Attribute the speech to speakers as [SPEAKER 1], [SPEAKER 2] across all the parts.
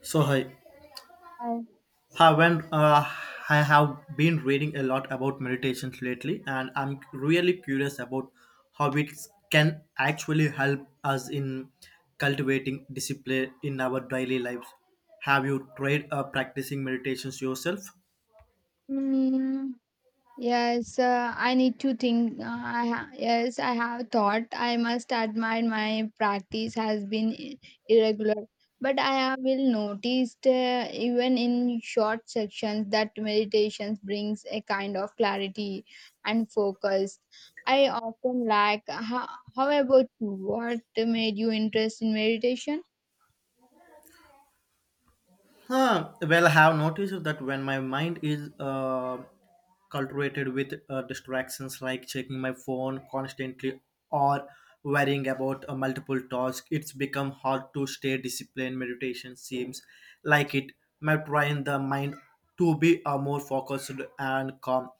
[SPEAKER 1] So hi,
[SPEAKER 2] I-
[SPEAKER 1] I went, uh, I have been reading a lot about meditation lately, and I'm really curious about how it can actually help us in cultivating discipline in our daily lives. Have you tried practicing meditations yourself?
[SPEAKER 2] Mm, yes, I need to think. Yes, I have thought. I must admit my practice has been irregular, but I have will noticed even in short sections that meditation brings a kind of clarity and focus. I often lack. How about you? What made you interest in meditation?
[SPEAKER 1] Huh. Well, I have noticed that when my mind is cultivated with distractions like checking my phone constantly or worrying about a multiple tasks, it's become hard to stay disciplined. Meditation seems like it might train the mind to be more focused and calm.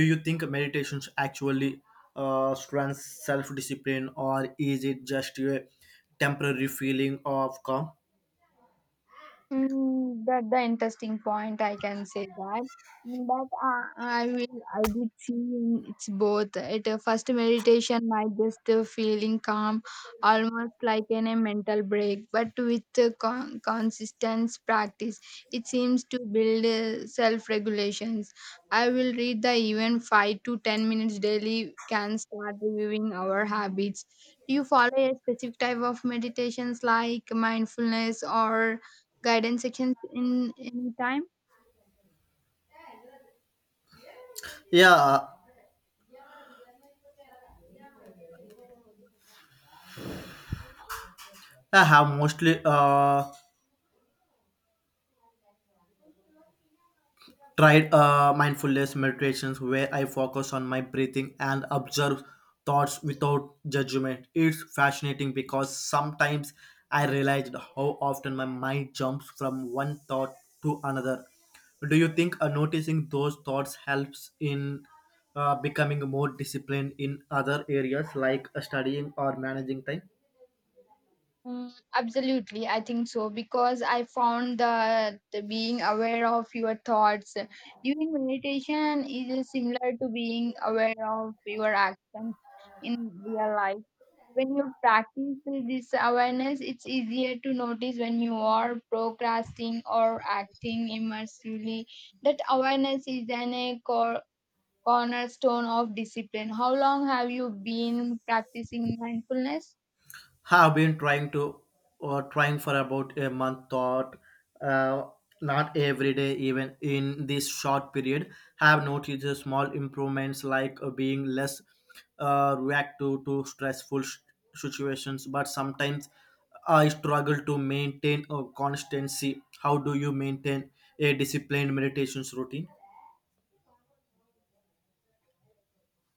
[SPEAKER 1] Do you think meditations actually strengthens self-discipline, or is it just a temporary feeling of calm?
[SPEAKER 2] That the interesting point I can say that, but I did see in it's both at a first meditation might just feeling calm, almost like in a mental break, but with consistent practice it seems to build self regulations. I will read the even 5 to 10 minutes daily can start reviewing our habits. Do you follow a specific type of meditations like mindfulness or guidance sections in any time?
[SPEAKER 1] Yeah, I have mostly tried mindfulness meditations where I focus on my breathing and observe thoughts without judgment. It's fascinating because sometimes I realized how often my mind jumps from one thought to another. Do you think noticing those thoughts helps in becoming more disciplined in other areas like studying or managing time?
[SPEAKER 2] Absolutely, I think so because I found that being aware of your thoughts during meditation is similar to being aware of your actions in real life. When you practice this awareness, it's easier to notice when you are procrastinating or acting impulsively. That awareness is an a core cornerstone of discipline. How long have you been practicing mindfulness?
[SPEAKER 1] Have been trying to or trying for about a month thought, uh, not every day. Even in this short period have noticed a small improvements like being less reactive to stressful situations, but sometimes I struggle to maintain a constancy. How do you maintain a disciplined meditations routine?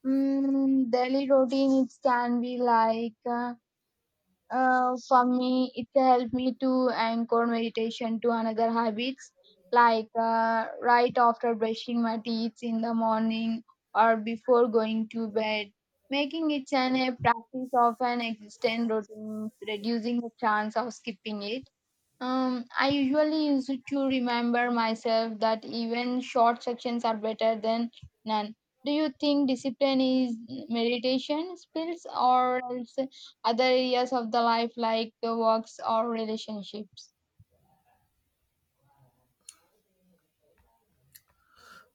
[SPEAKER 2] Daily routine, it can be like for me, it helped me to anchor meditation to another habits like right after brushing my teeth in the morning or before going to bed. Making it an a practice of an existing routine, reducing the chance of skipping it. I usually use it to remember myself that even short sections are better than none. Do you think discipline is meditation spills, or else other areas of the life like works or relationships?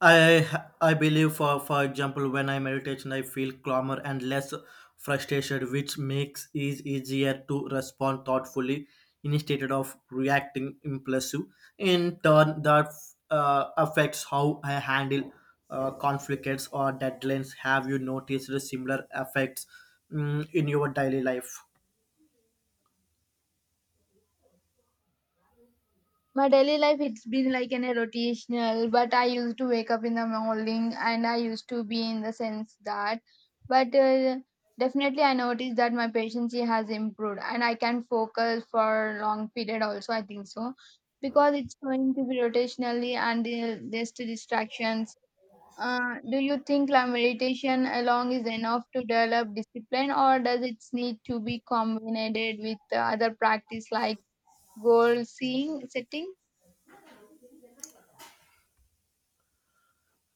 [SPEAKER 1] I I believe, for example, when I meditation I feel calmer and less frustrated, which makes it easier to respond thoughtfully instead of reacting impulsive. In turn that affects how I handle conflicts or deadlines. Have you noticed similar effects in your daily life?
[SPEAKER 2] My daily life it's been like an rotational, but I used to wake up in the morning and I used to be in the sense that, but definitely I noticed that my patience has improved and I can focus for long period also. I think so because it's going to be rotationally and there's two distractions. Do you think like meditation alone is enough to develop discipline, or does it need to be combined with other practice like goal seeing setting?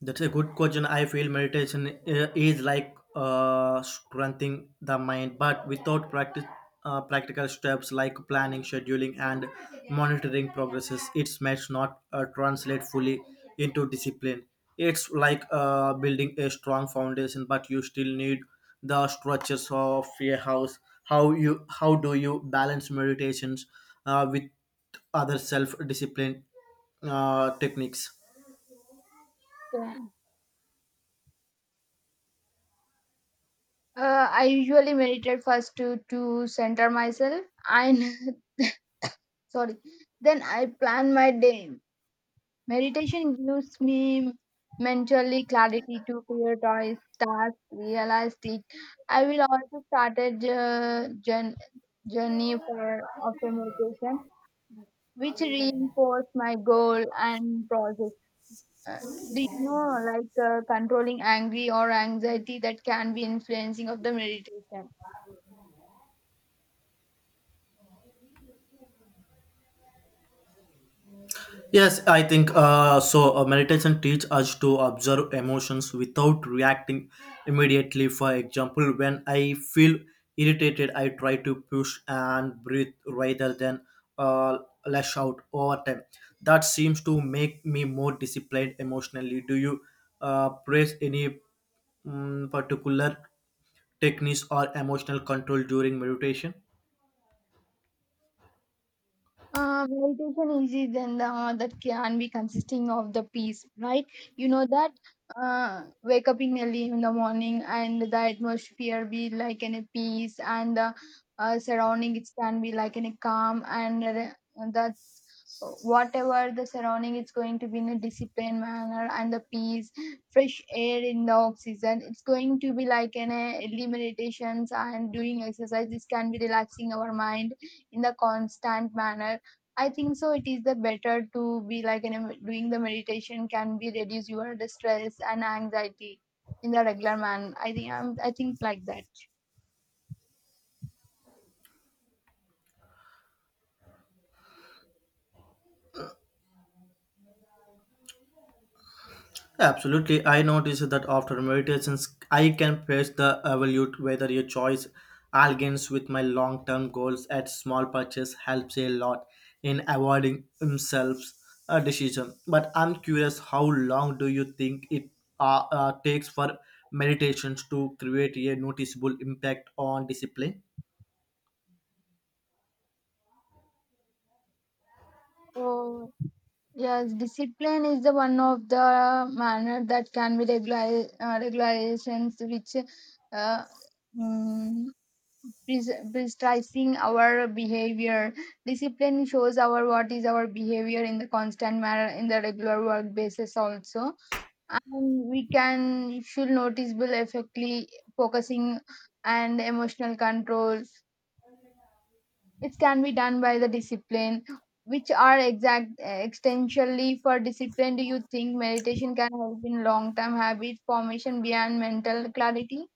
[SPEAKER 1] That's a good question. I feel meditation is like strengthening the mind, but without practice, practical steps like planning, scheduling, and monitoring progresses, it may not translate fully into discipline. It's like building a strong foundation, but you still need the structures of a house. How do you balance meditations with other self-discipline techniques?
[SPEAKER 2] Yeah. I usually meditate first to center myself. I sorry. Then I plan my day. Meditation gives me mentally clarity to prioritize tasks, realize it. I will also start a journey for after meditation, which reinforce my goal and process. Uh, do you know like controlling angry or anxiety that can be influencing of the meditation?
[SPEAKER 1] Yes, I think so. Meditation teach us to observe emotions without reacting immediately. For example, when I feel irritated, I try to push and breathe rather than uh, lash out over time. That seems to make me more disciplined emotionally. Do you praise any particular techniques or emotional control during meditation?
[SPEAKER 2] Meditation is it then that can be consisting of the peace, right? You know that wake up in early in the morning and the atmosphere be like in a peace and the surrounding it can be like in a calm and the, whatever the surrounding it's going to be in a disciplined manner and the peace fresh air in the off season it's going to be like an a early meditations and doing exercise, this can be relaxing our mind in the constant manner. I think so it is the better to be like in a, doing the meditation can be reduce your the stress and anxiety in the regular man. I think I'm, I think like that.
[SPEAKER 1] Absolutely. I noticed that after meditations, I can face the evaluate whether your choice aligns with my long term goals at small purchase helps a lot in avoiding themselves a decision. But I'm curious, how long do you think it takes for meditations to create a noticeable impact on discipline?
[SPEAKER 2] Oh, yes, discipline is the one of the manner that can be regular, regulations which uh, mm, prescribing our behavior. Discipline shows our what is our behavior in the constant manner in the regular work basis also. And we can should noticeable effectively focusing and emotional control, it can be done by the discipline. Which are exact extensively for discipline? Do you think meditation can help in long term habit formation beyond mental clarity?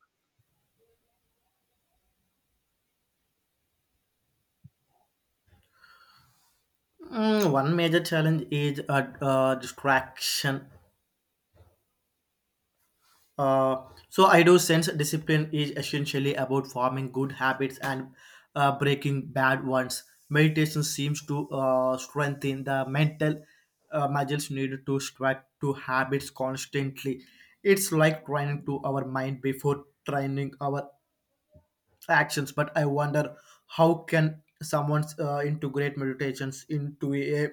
[SPEAKER 1] One major challenge is a distraction. So I do sense discipline is essentially about forming good habits and breaking bad ones. Meditation seems to strengthen the mental muscles needed to strike to habits constantly. It's like training to our mind before training our actions. But I wonder how can someone integrate meditations into a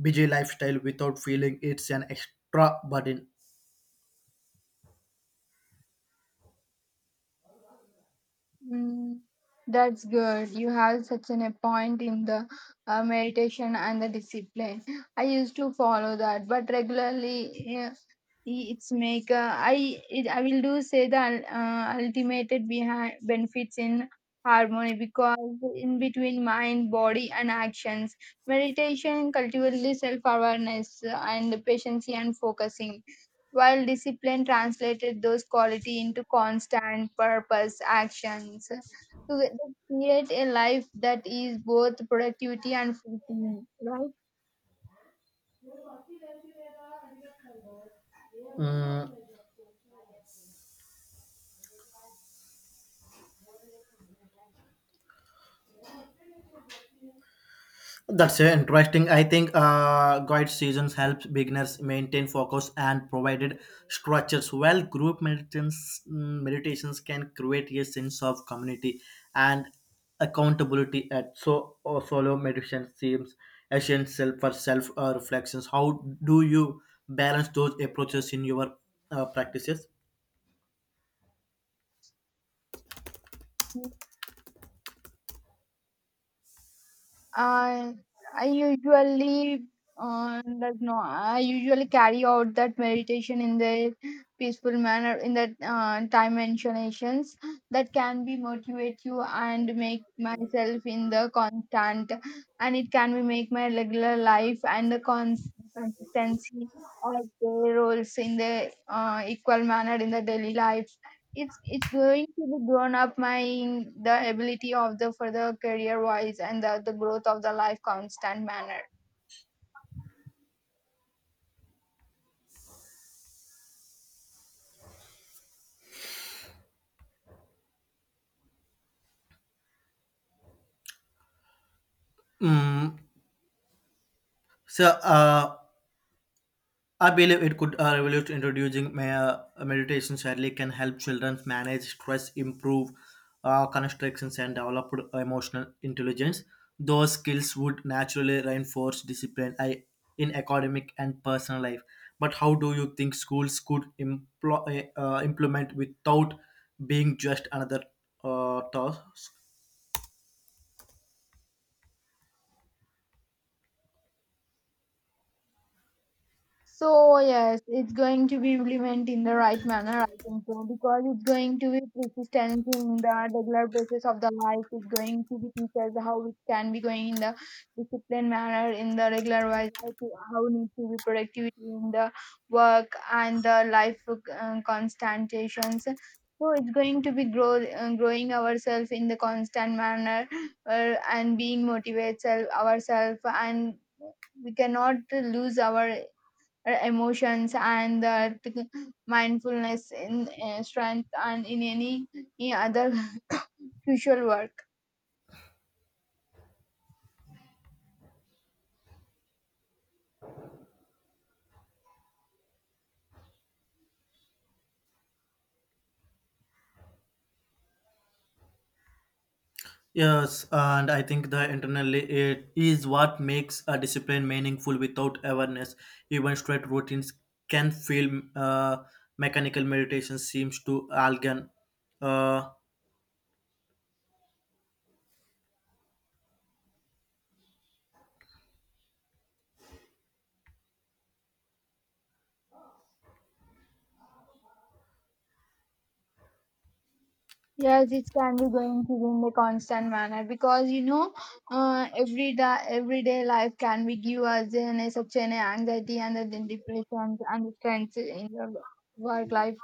[SPEAKER 1] busy lifestyle without feeling it's an extra burden.
[SPEAKER 2] Mm, that's good. You have such an a point in the meditation and the discipline. I used to follow that, but regularly yeah, its maker. I will do say the ultimate behind benefits in harmony because in between mind, body, and actions, meditation cultivates self awareness and patience and focusing. While discipline translated those quality into constant purpose actions to create a life that is both productivity and fulfilling, right?
[SPEAKER 1] Mm, That's interesting. I think guide seasons helps beginners maintain focus and provided structures. While group meditations can create a sense of community and accountability. At so or solo meditation seems essential for self reflections. How do you balance those approaches in your practices?
[SPEAKER 2] I I usually does no I usually carry out that meditation in the peaceful manner in that dimensionations that can be motivate you and make myself in the constant, and it can be make my regular life and the consistency of the roles in the equal manner in the daily life. It's going to be grown up my the ability of the further career wise and the growth of the life constant manner.
[SPEAKER 1] Mm, so, I believe it could revolute introducing meditation sadly can help children manage stress, improve constrictions, and develop emotional intelligence. Those skills would naturally reinforce discipline in academic and personal life. But how do you think schools could implement without being just another task?
[SPEAKER 2] So yes, it's going to be implemented in the right manner, I think so, because it's going to be persistent in the regular basis of the life. It's going to be teachers how it can be going in the disciplined manner in the regular wise, how to how need to be productivity in the work and the life constantations. So it's going to be growing ourselves in the constant manner and being motivated ourselves, and we cannot lose our emotions and the mindfulness in strength and in any other crucial work.
[SPEAKER 1] Yes, and I think the internally it is what makes a discipline meaningful without awareness. Even straight routines can feel mechanical meditation seems to Algan. Uh,
[SPEAKER 2] Yes, it can be going to be in the constant manner because you know every day everyday life can be give us in a, such an anxiety and the depression and the strength in the work life.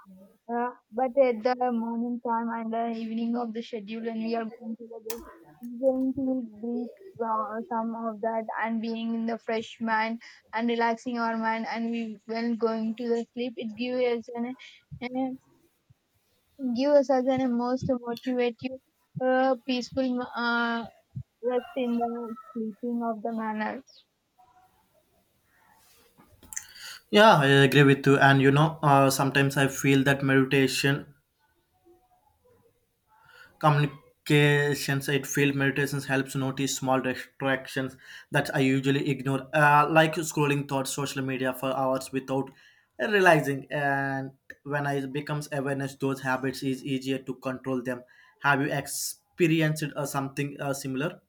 [SPEAKER 2] But at the morning time and the evening of the schedule when we are going to the gym, it's going to breathe some of that and being in the fresh mind and relaxing our mind, and we when going to the sleep it gives us an uh, give us as an most motivative peaceful rest in the sleeping of the manner.
[SPEAKER 1] yeah, I agree with you. And sometimes I feel that meditation communications it field meditations helps notice small distractions that I usually ignore like scrolling thoughts social media for hours without realizing. And when I becomes awareness those habits is easier to control them. Have you experienced something similar?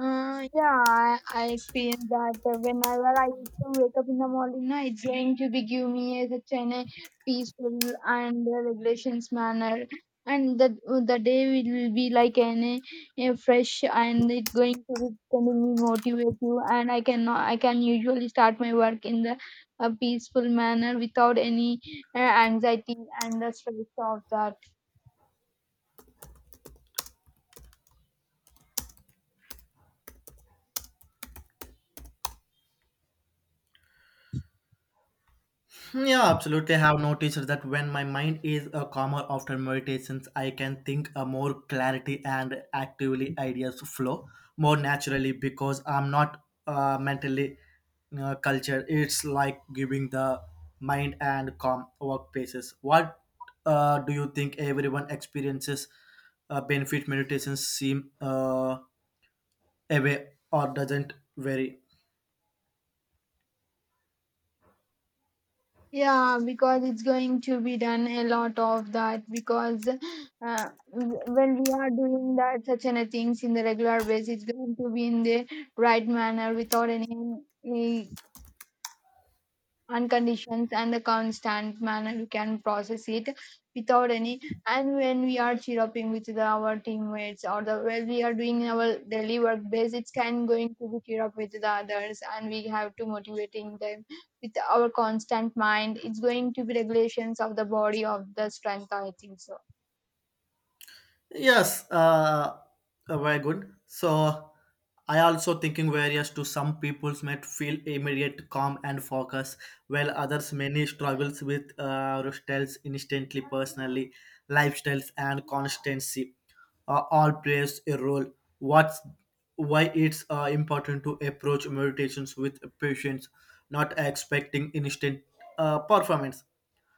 [SPEAKER 2] Yeah, I experience that whenever I used to wake up in the morning, na, it's going to be give me such a peaceful and regulations manner, and the day will be like an a fresh and it going to be sending me motivate you, and I can usually start my work in the a peaceful manner without any anxiety and the stress of that.
[SPEAKER 1] Yeah, absolutely. I have noticed that when my mind is calmer after meditations, I can think more clarity and actively ideas flow more naturally because I'm not mentally cultured. It's like giving the mind and calm workplaces. What do you think everyone experiences benefit meditations seem away or doesn't vary?
[SPEAKER 2] Yeah, because it's going to be done a lot of that because when we are doing that such kind of things in the regular basis, it's going to be in the right manner without any on conditions and the constant manner we can process it without any. And when we are cheeruping with our teammates or the when we are doing our daily work base, it can going to be cheer up with the others and we have to motivating them with our constant mind. It's going to be regulations of the body of the strength, I think so.
[SPEAKER 1] Yes, very good. So I also thinking various to some peoples might feel immediate calm and focus, while others many struggles with styles instantly, personally, lifestyles and constancy. All plays a role. What's why it's important to approach meditations with patience, not expecting instant performance.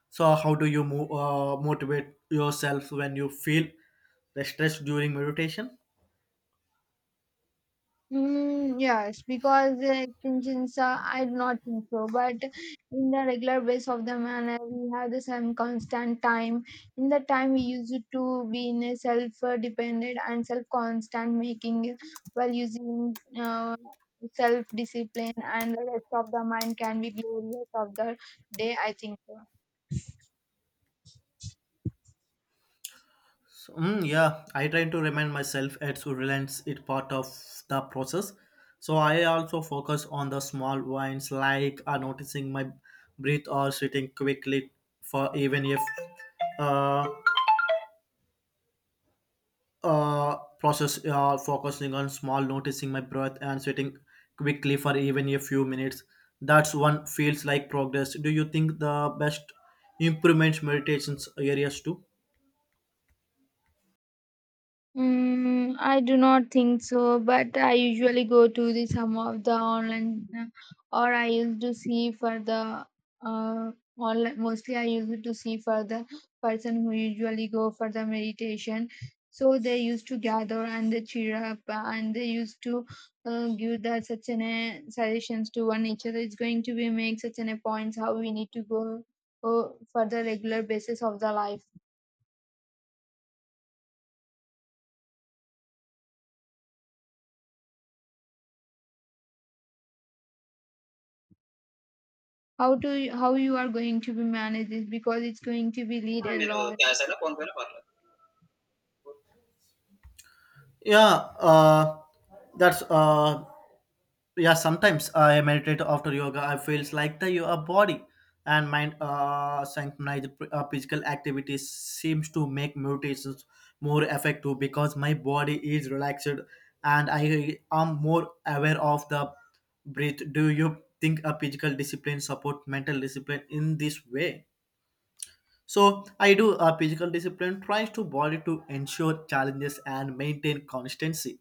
[SPEAKER 1] So, how do you move? Motivate yourself when you feel the stress during meditation?
[SPEAKER 2] Yes, because extensions, I do not think so. But in the regular base of the manner, we have the same constant time. In the time, we used to be in a self-dependent and self-constant making while using self-discipline, and the rest of the mind can be glorious of the day. I think so.
[SPEAKER 1] So, yeah, I try to remind myself it's relents it part of the process. So I also focus on the small wins like noticing my breath or sitting quickly for even if uh, process focusing on small noticing my breath and sitting quickly for even a few minutes. That's one feels like progress. Do you think the best improvement meditations areas too?
[SPEAKER 2] I do not think so, but I usually go to the some of the online or I used to see for the uh online. Mostly I used to see for the person who usually go for the meditation. So they used to gather and they cheer up and they used to give the such an suggestions to one each other. It's going to be make such an a points how we need to go for the regular basis of the life. How to how you are going to be manage this, because it's going to be lead a
[SPEAKER 1] మీరు
[SPEAKER 2] lot.
[SPEAKER 1] Cash అయినా phone పైన పర్లేదు. Yeah, uh, that's yeah, sometimes I meditate after yoga. I feels like the your body and mind synchronize. Physical activities seems to make meditations more effective because my body is relaxed and I am more aware of the breath. Do you think a physical discipline support mental discipline in this way? So I do a physical discipline tries to body to ensure challenges and maintain consistency,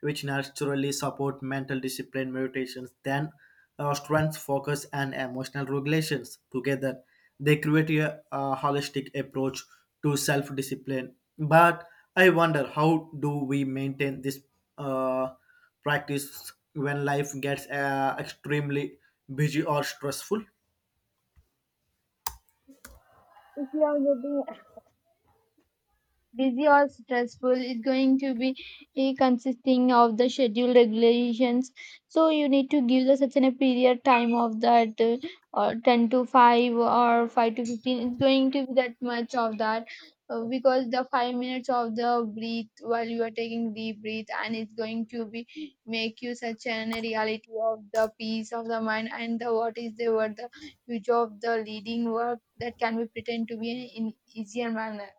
[SPEAKER 1] which naturally support mental discipline, meditations, then strength, focus, and emotional regulations. Together, they create a holistic approach to self-discipline. But I wonder how do we maintain this uh, practice when life gets extremely busy or stressful?
[SPEAKER 2] Busy or stressful, it's going to be consisting of the schedule regulations. So you need to give the such an a period time of that or 10 to 5 or 5 to 15, it's going to be that much of that because the 5 minutes of the breath while you are taking deep breath, and it's going to be make you such an reality of the peace of the mind and the what is the what the future of the leading work that can be pretend to be in easier manner.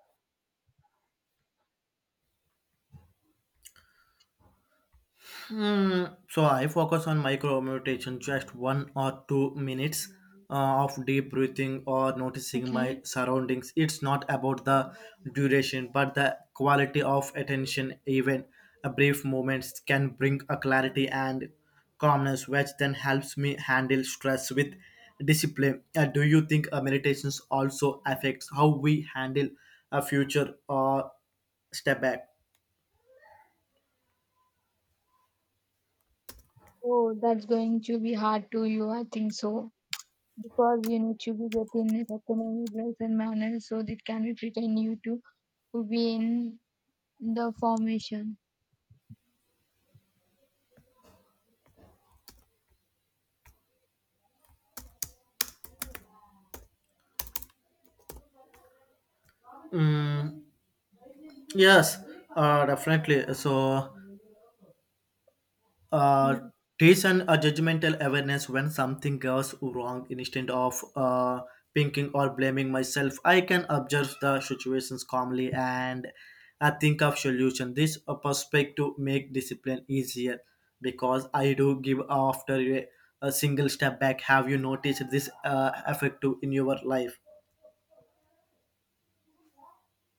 [SPEAKER 1] Hmm. So I focus on micro meditation, just 1 or 2 minutes of deep breathing or noticing my
[SPEAKER 2] Okay.
[SPEAKER 1] surroundings. It's not about the duration, but the quality of attention. Even a brief moments can bring a clarity and calmness, which then helps me handle stress with discipline. Do you think meditations also affects how we handle a future or step back?
[SPEAKER 2] Oh, that's going to be hard to you, I think so. Because you need to be getting it economic rights and manners, so that can be pretend you to be in the formation.
[SPEAKER 1] Mm. Yes, definitely. So, uh,
[SPEAKER 2] Mm.
[SPEAKER 1] teach and a judgmental awareness when something goes wrong instead of thinking or blaming myself. I can observe the situations calmly and I think of solution. This perspective make discipline easier because I do give after a single step back. Have you noticed this effective in your life?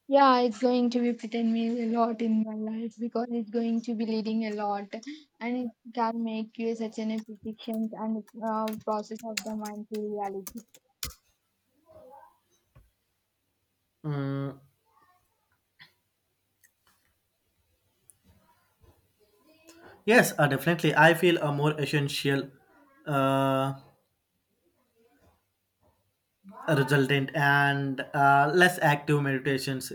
[SPEAKER 2] Yeah, it's going to be pretend me a lot in my life because it's going to be leading a lot, and it can make you such an prediction and process of the mind to reality.
[SPEAKER 1] Mm, yes, definitely. I feel a more essential. Uh, Resultant and less active meditations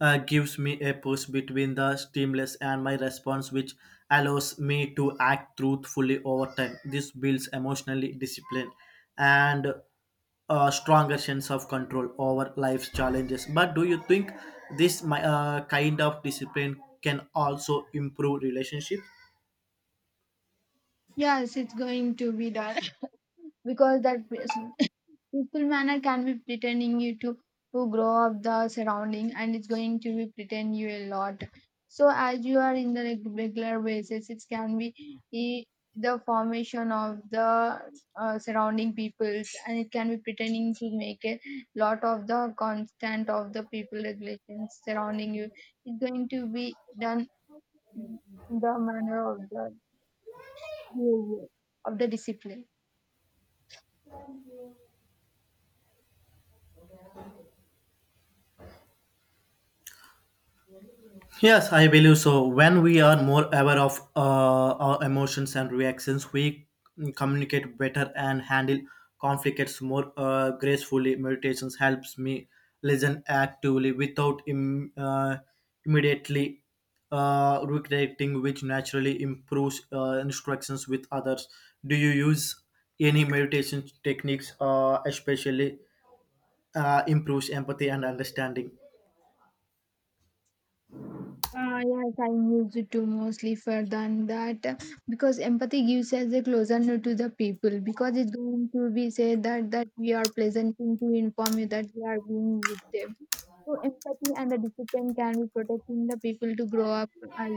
[SPEAKER 1] gives me a push between the stimulus and my response, which allows me to act truthfully. Over time this builds emotionally discipline and a stronger sense of control over life's challenges. But do you think this kind of discipline can also improve relationship?
[SPEAKER 2] Yes, it's going to be done because that peaceful manner can be pretending you to grow up the surrounding and it's going to be pretend you a lot. So as you are in the regular basis, it can be eh, the formation of the surrounding peoples, and it can be pretending to make a lot of the constant of the people regulations surrounding you. It's going to be done in the manner of the behavior of the discipline.
[SPEAKER 1] Yes, I believe so. When we are more aware of our emotions and reactions, we communicate better and handle conflicts more gracefully. Meditations helps me listen actively without immediately recreating, which naturally improves instructions with others. Do you use any meditation techniques, especially improves empathy and understanding?
[SPEAKER 2] Yes, I use it to mostly for than that, because empathy gives us a closer to the people, because it's going to be said that we are presenting to inform you that we are being with them. So empathy and the discipline can be protecting the people to grow up as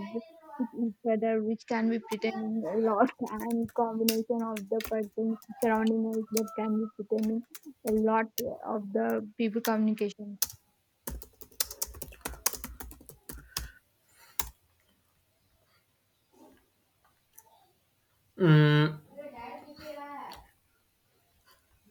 [SPEAKER 2] with each other, which can be pretending a lot and combination of the persons surrounding us that can be pretending a lot of the people communication.
[SPEAKER 1] Mm,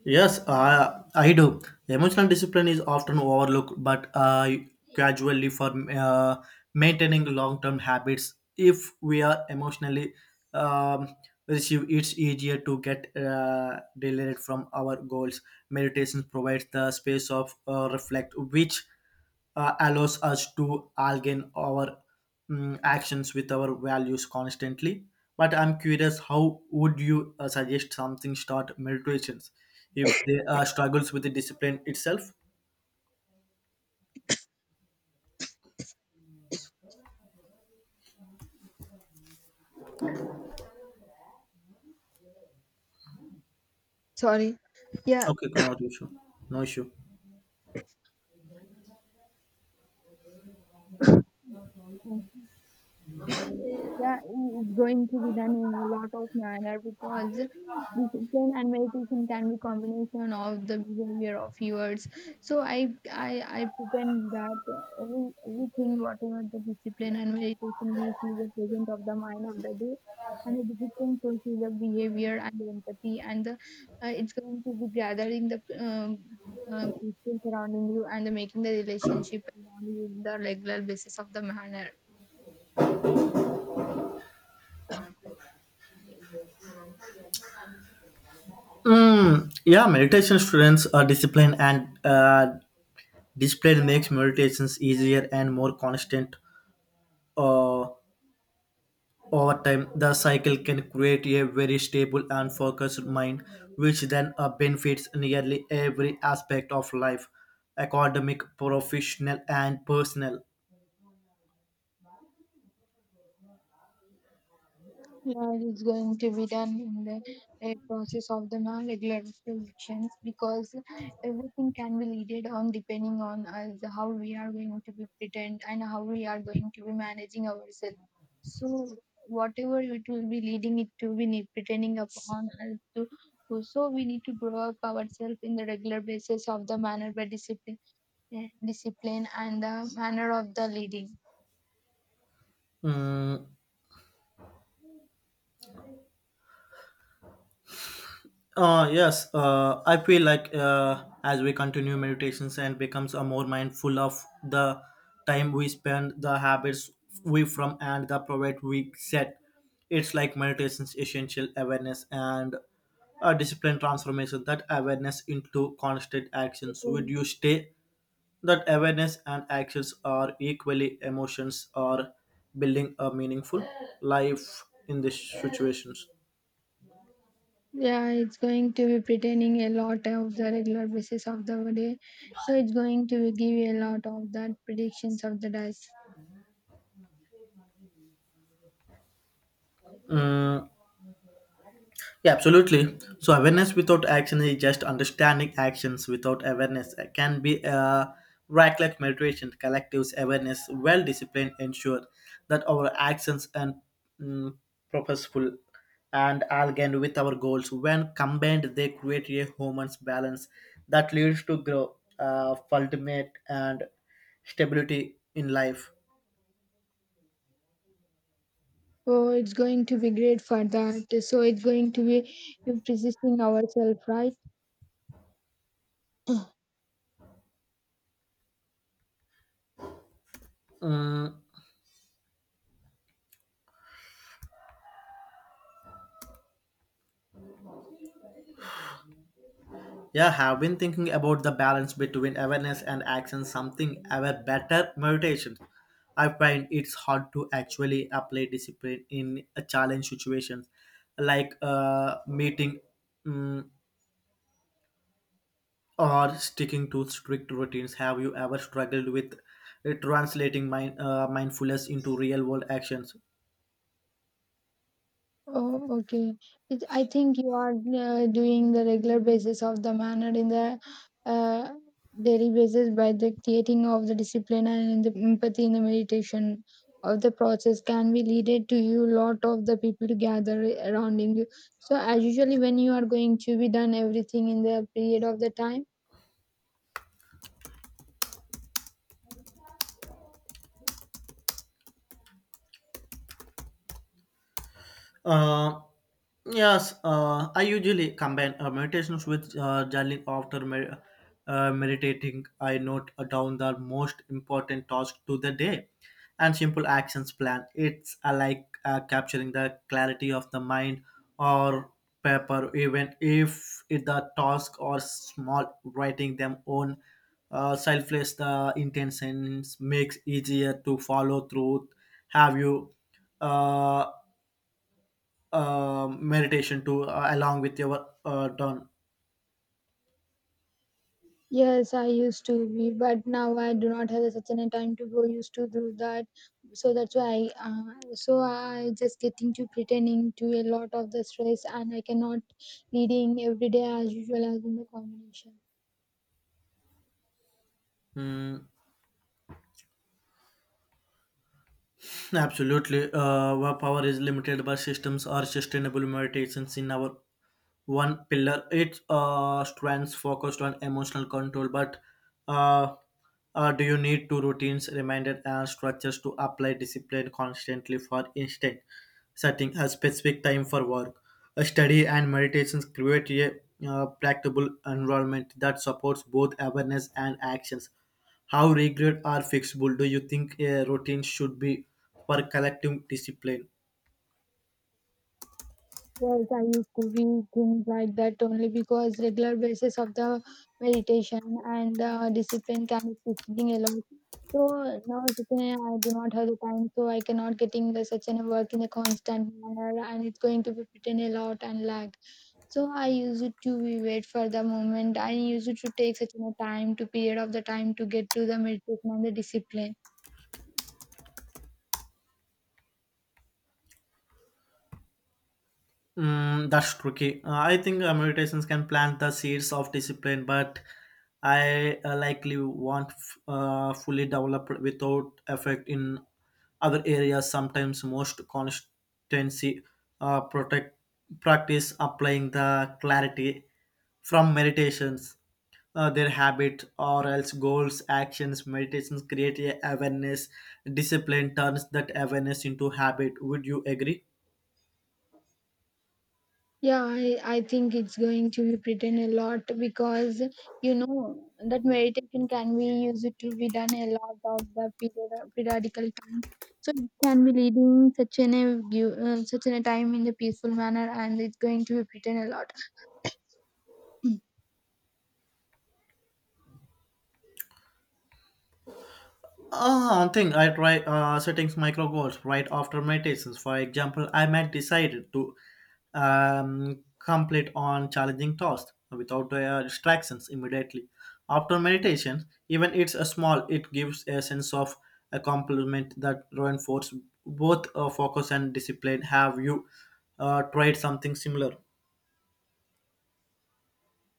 [SPEAKER 1] yes, I do. Emotional discipline is often overlooked, but gradually for maintaining long-term habits, if we are emotionally um, receive, it's easier to get delivered from our goals. Meditation provides the space of reflect, which allows us to align our actions with our values constantly. But I'm curious, how would you suggest something start meditations if they struggles with the discipline itself?
[SPEAKER 2] Sorry. Yeah.
[SPEAKER 1] Okay, no issue. No issue.
[SPEAKER 2] Yeah, it's going to be done in a lot of manner because discipline and meditation can be combination of the behavior of yours. So I pretend that everything whatever the discipline and meditation gives you the present of the mind of the day, and the discipline shows you the behavior and the empathy and the it's going to be gathering the people surrounding you and the making the relationship around you in the regular basis of the manner.
[SPEAKER 1] Mm, yeah, meditation students are disciplined and discipline makes meditations easier and more constant. Uh, Over time, the cycle can create a very stable and focused mind, which then benefits nearly every aspect of life academic, professional, and personal.
[SPEAKER 2] Yeah, it's going to be done in the process of the non-regular elections, because everything can be leaded on depending on us how we are going to be pretend and how we are going to be managing ourselves. So whatever it will be leading it to be need pretending upon us to, so we need to grow up ourselves in the regular basis of the manner by discipline, discipline and the manner of the leading.
[SPEAKER 1] Mm, yes, I feel like as we continue meditations and becomes a more mindful of the time we spend, the habits we from, and the private we set. It's like meditation's essential awareness and a discipline transformation. That awareness into constant actions. Would you stay that awareness and actions are equally emotions or building a meaningful life in these situations?
[SPEAKER 2] Yeah, it's going to be pretending a lot of the regular basis of the day. So it's going to be give you a lot of that predictions of the dice.
[SPEAKER 1] Mm, Yeah, absolutely. So awareness without action is just understanding actions without awareness. Can be a right. Like meditation, collectives awareness, well disciplined ensure that our actions and mm, purposeful and aligned with our goals. When combined, they create a human balance that leads to growth, ultimate and stability in life.
[SPEAKER 2] So it's going to be great for that. So it's going to be persisting ourselves, right?
[SPEAKER 1] Mm, Yeah, have been thinking about the balance between awareness and action, something ever better meditation. I find it's hard to actually apply discipline in a challenge situations like a meeting mm, or sticking to strict routines. Have you ever struggled with translating mindfulness into real world actions?
[SPEAKER 2] Oh, okay. It, I think you are doing the regular basis of the manner in the uh, daily basis by the creating of the discipline and the empathy in the meditation of the process can be leaded to you lot of the people to gather around in you. So as usually when you are going to be done everything in the period of the time.
[SPEAKER 1] Uh, yes, I usually combine meditations with journaling after meditating. I note down the most important tasks to the day and simple actions plan. It's like capturing the clarity of the mind or paper, even if it, the task or small, writing them on selfless the intentions makes easier to follow through. Have you? uh, meditation to along with your done.
[SPEAKER 2] Yes, I used to be, but now I do not have such a time to go used to do that. So that's why, so I just getting to pretending to a lot of the stress, and I cannot leading every day as usual as in the combination.
[SPEAKER 1] Hmm. Absolutely. Our power is limited by systems or sustainable meditations in our one pillar. It strands focused on emotional control, but uh, do you need to routines, reminders, and structures to apply discipline constantly? For instance, setting a specific time for work, a study, and meditations create a practical environment that supports both awareness and actions. How regret are fixable? Do you think a routine should be for collective discipline?
[SPEAKER 2] Yes, I used to read things like that only because regular basis of the meditation and the discipline can be fixing a lot. So now such an, I do not have the time, so I cannot getting the such an work in a constant manner, and it's going to be pretend a lot and lag. So I used it to be wait for the moment. I used it to take such a time to period of the time to get to the meditation and the discipline.
[SPEAKER 1] Mm, that's tricky. I think meditations can plant the seeds of discipline, but I likely want fully developed without effect in other areas. Sometimes most constancy protect practice applying the clarity from meditations, their habit or else goals, actions. Meditations create a awareness. Discipline turns that awareness into habit. Would you agree?
[SPEAKER 2] Yeah, I think it's going to be pretend a lot because you know that meditation can be used to be done a lot of the periodical time. So it can be leading such an a such an a time in a peaceful manner, and it's going to be pretend a lot.
[SPEAKER 1] Ah, thing I try setting micro goals right after meditations. For example, I might decide to complete on challenging tasks without distractions immediately. After meditation, even it's a small, it gives a sense of a compliment that reinforces both focus and discipline. Have you tried something similar?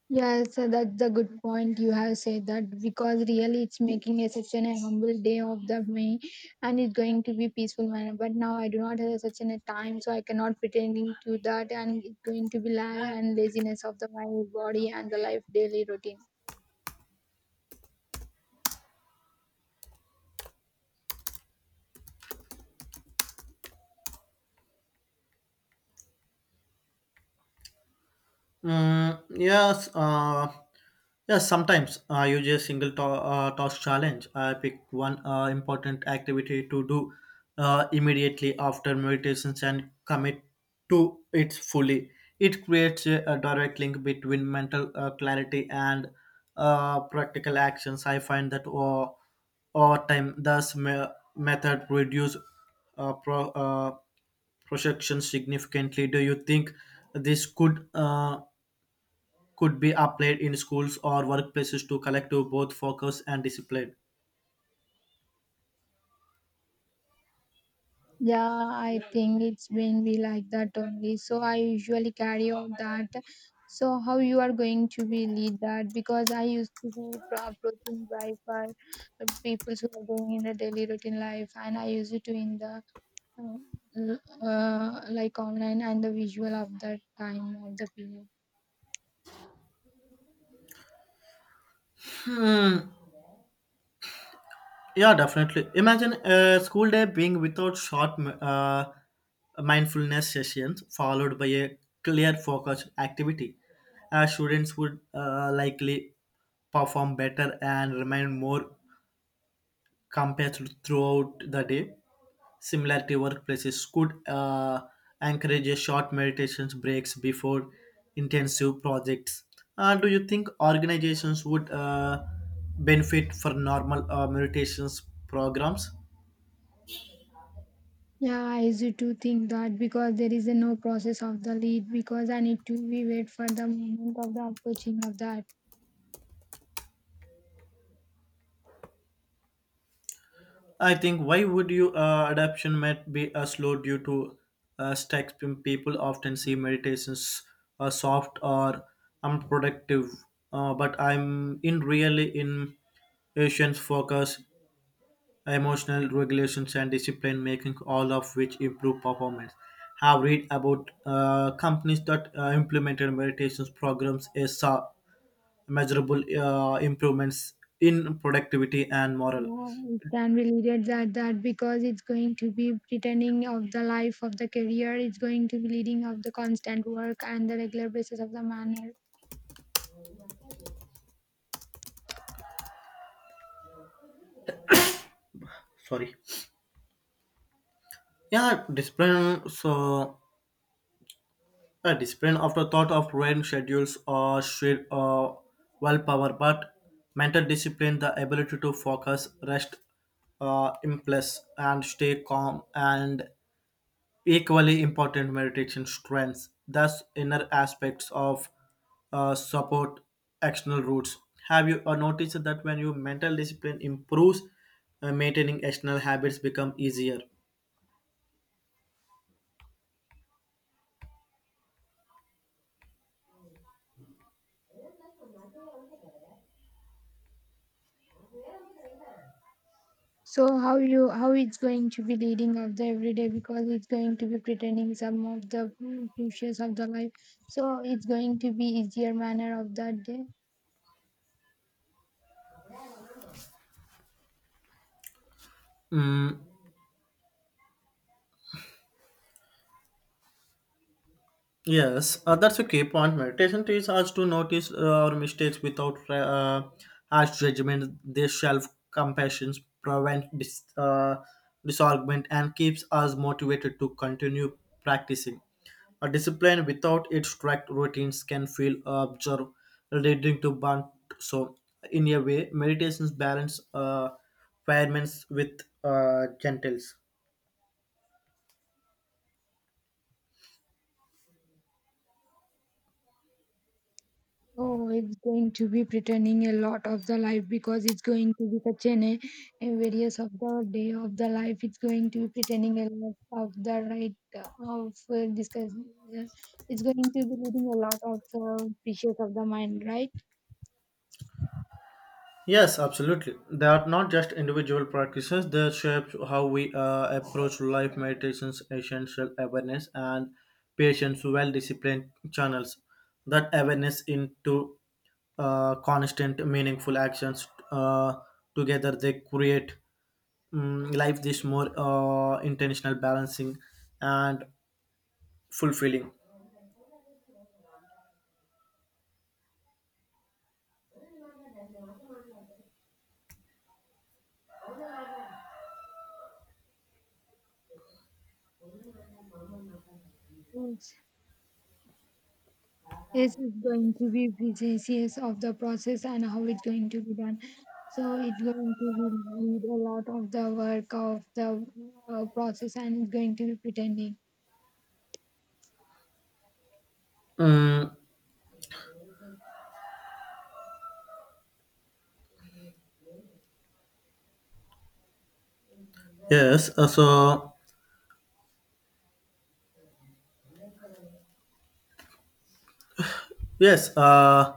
[SPEAKER 2] Yes, that's a good point you have said that because really it's making a such an humble day of the May, and it's going to be peaceful manner. But now I do not have such an a time, so I cannot pretending to that and it's going to be la- and laziness of the my body and the life daily routine.
[SPEAKER 1] Mm, yes, yes. Sometimes I use a task challenge. I pick one important activity to do immediately after meditations and commit to it fully. It creates a direct link between mental clarity and practical actions. I find that over time, thus method reduce uh, pro- uh, projections significantly. Do you think this could? Could be applied in schools or workplaces to collective both focus and discipline.
[SPEAKER 2] Yeah, I think it's when we like that only. So I usually carry out that. So how you are going to be lead that? Because I used to be approaching right for people who are going in the daily routine life, and I used to in the like online and the visual of that time of the period.
[SPEAKER 1] Hmm. Yeah, definitely. Imagine a school day being without short mindfulness sessions followed by a clear focus activity. Students would likely perform better and remain more compared throughout the day. Similarity workplaces could encourage a short meditations breaks before intensive projects. Do you think organizations would benefit for normal meditations programs?
[SPEAKER 2] Yeah, I used to think that because there is a no process of the lead because I need to be wait for the moment of the approaching of that.
[SPEAKER 1] I think why would you adoption might be slow due to stacks people often see meditations soft or unproductive but I'm in really in Asians focus emotional regulations and discipline making all of which improve performance have read about companies that implemented meditations programs and saw measurable improvements in productivity and moral
[SPEAKER 2] Yeah, it can be leaded that because it's going to be pretending of the life of the career. It's going to be leading of the constant work and the regular basis of the manner.
[SPEAKER 1] sorry yeah discipline so discipline after thought of rain schedules or shared willpower but mental discipline the ability to focus rest impress, and stay calm and Equally important, meditation strengths thus inner aspects of support external roots. Have you noticed that when your mental discipline improves, maintaining external habits become easier?
[SPEAKER 2] So how it's going to be leading of the everyday because it's going to be pretending some of the issues of the life. So it's going to be easier manner of that day.
[SPEAKER 1] Mm, yes, that's a key point. Meditation teaches us to notice our mistakes without harsh judgment. This self compassion prevents disargument and keeps us motivated to continue practicing. A discipline without its strict routines can feel observed, leading to burnt. So, in a way, meditations balance firemen with gentles.
[SPEAKER 2] Oh, it's going to be pretending a lot of the life because it's going to be such an a various of the day of the life. It's going to be pretending a lot of the right of discussion. It's going to be leading a lot of the precious of the mind, right?
[SPEAKER 1] Yes, absolutely. They are not just individual practices, they shape how we approach life, meditations, essential awareness, and patience, well disciplined channels that awareness into constant, meaningful actions. Together, they create mm life this more intentional, balancing, and fulfilling.
[SPEAKER 2] Yes, yes, it's going to be precious of the process and how it's going to be done. So it's going to be need a lot of the work of the process and it's going to be pretending.
[SPEAKER 1] Mm, yes, so yes,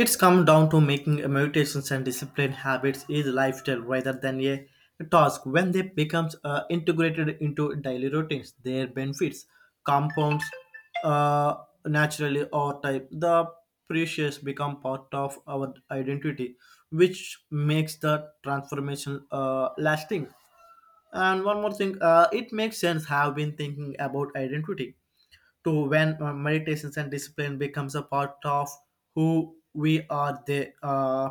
[SPEAKER 1] it's come down to making mutations and discipline habits is lifestyle rather than a task. When they becomes integrated into daily routines, their benefits compounds uh, naturally or type. The precious become part of our identity, which makes the transformation lasting. And one more thing, it makes sense. Have been thinking about identity to when meditations and discipline becomes a part of who we are they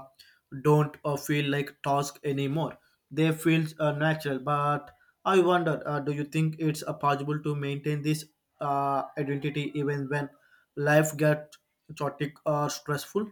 [SPEAKER 1] don't feel like task anymore they feel natural but I wonder do you think it's possible to maintain this identity even when life gets chaotic or stressful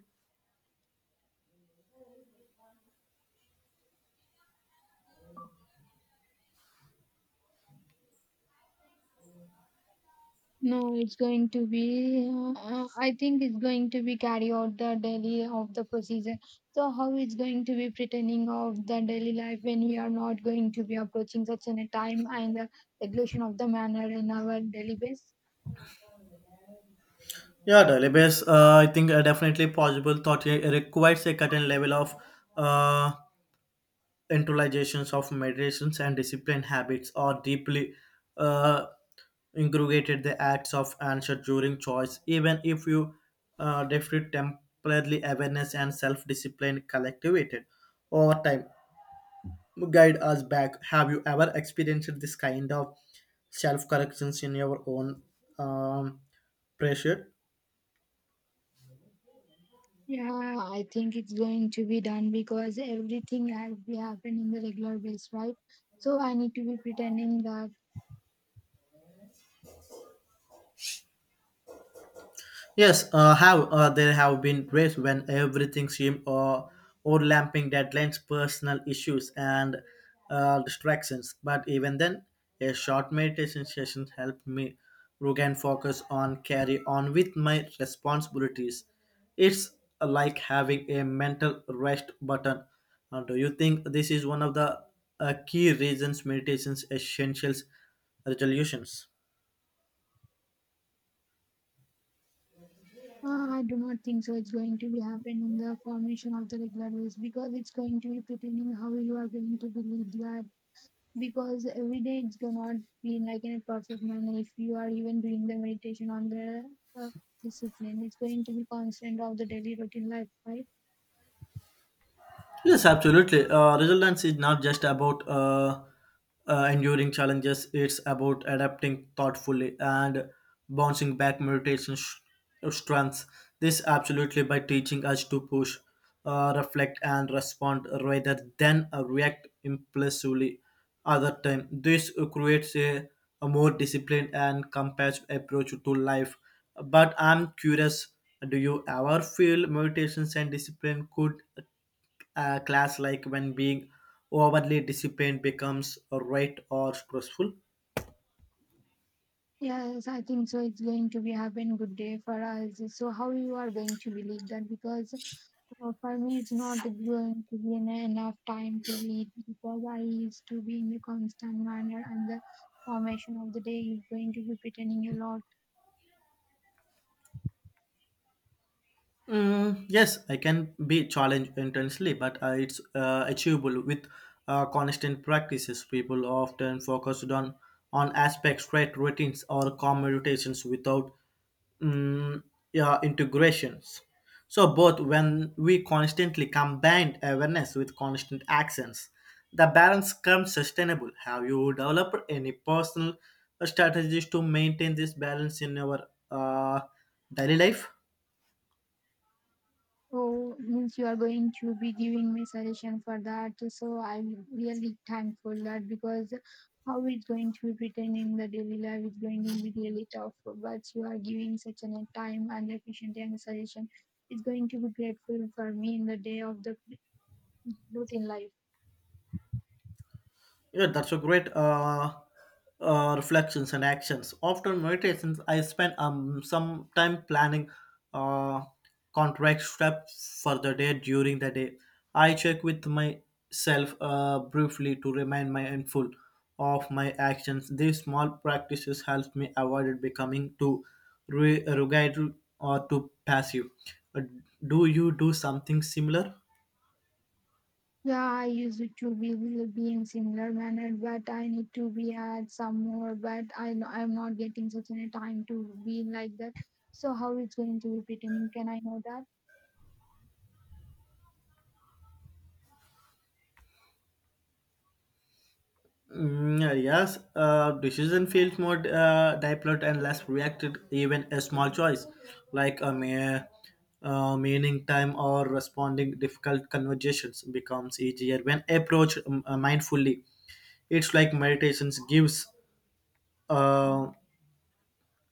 [SPEAKER 2] No, it's going to be. I think it's going to be carry out the daily of the procedure. So how it's going to be pretending of the daily life when we are not going to be approaching such an a time and the regulation of the manner in our daily base?
[SPEAKER 1] yeah, daily base. I think definitely possible. Thought it requires a certain level of uh, internalizations of meditations and discipline habits are deeply uh, inculcated the acts of answer during choice even if you defeat temporarily awareness and self-discipline collectivated over time guide us back have you ever experienced this kind of self-corrections in your own um, pressure
[SPEAKER 2] Yeah, I think it's going to be done because everything has be happen in the regular base, right? So I need to be pretending that.
[SPEAKER 1] Yes, have there have been days when everything seemed overlapping deadlines, personal issues, and distractions. But even then, a short meditation session helped me regain focus on carry on with my responsibilities. It's like having a mental rest button. Do you think this is one of the key reasons meditation's essential resolutions?
[SPEAKER 2] I do not think so. It's going to be happen in the formation of the regular rules because it's going to be pertaining how you are going to believe that. Because every day it's cannot be like in a perfect manner. If you are even doing the meditation on the uh, discipline, it's going to be constant of the daily routine life, right?
[SPEAKER 1] Yes, absolutely. Resilience is not just about enduring challenges, it's about adapting thoughtfully and bouncing back strengths. This absolutely by teaching us to push, reflect, and respond rather than react impulsively. Other time, this creates a more disciplined and compassionate approach to life. But I'm curious, do you ever feel meditations and discipline could class like when being overly disciplined becomes right or stressful
[SPEAKER 2] Yes, I think so. It's going to be happen good day for us. So how you are going to believe that? Because for me, it's not going to be enough time to read because I used to be in the constant manner and the formation of the day is going to be pretending a lot.
[SPEAKER 1] Mm, yes, I can be challenged intensely, but it's achievable with constant practices. People often focused on aspects, right, routines, or commutations without mm, yeah, integrations. So both when we constantly combine awareness with constant actions, the balance comes sustainable. Have you developed any personal strategies to maintain this balance in your daily life?
[SPEAKER 2] Oh, means you are going to be giving me suggestion for that. So I'm really thankful that because how it's going to be written in the daily life is going to be really tough. But you are giving such an time and efficient and suggestion. It's going to be grateful for me in the day of the routine life.
[SPEAKER 1] Yeah, that's a great reflections and actions. After meditations, I spend some time planning uh contract steps for the day during the day. I check with myself briefly to remind my mindful of my actions. These small practices help me avoid becoming too rugged or too passive. Uh, Do you do something similar?
[SPEAKER 2] Yeah, I used it to be will be in similar manner, but I need to be at some more. But I know I'm not getting such a time to be like that. So how it's going to be pretending? Can I know that?
[SPEAKER 1] Mm, yeah, yes, decision feels more deliberate and less reacted. Even a small choice, like a mere meaning time or responding difficult conversations, becomes easier when approached mindfully. It's like meditations gives uh,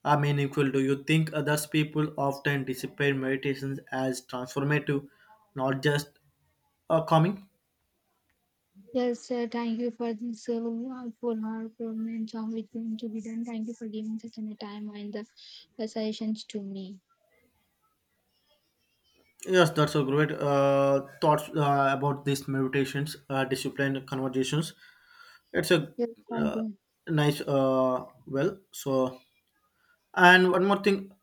[SPEAKER 1] are meaningful. Do you think others people often disappear meditations as transformative, not just calming?
[SPEAKER 2] Yes, thank you for this full hour program job which going to be done. Thank you for giving such a time and the suggestions to me.
[SPEAKER 1] Yes, that's a great thoughts about these meditations, disciplined conversations. It's a
[SPEAKER 2] Yes, thank
[SPEAKER 1] uh,
[SPEAKER 2] you.
[SPEAKER 1] nice, well, so. And one more thing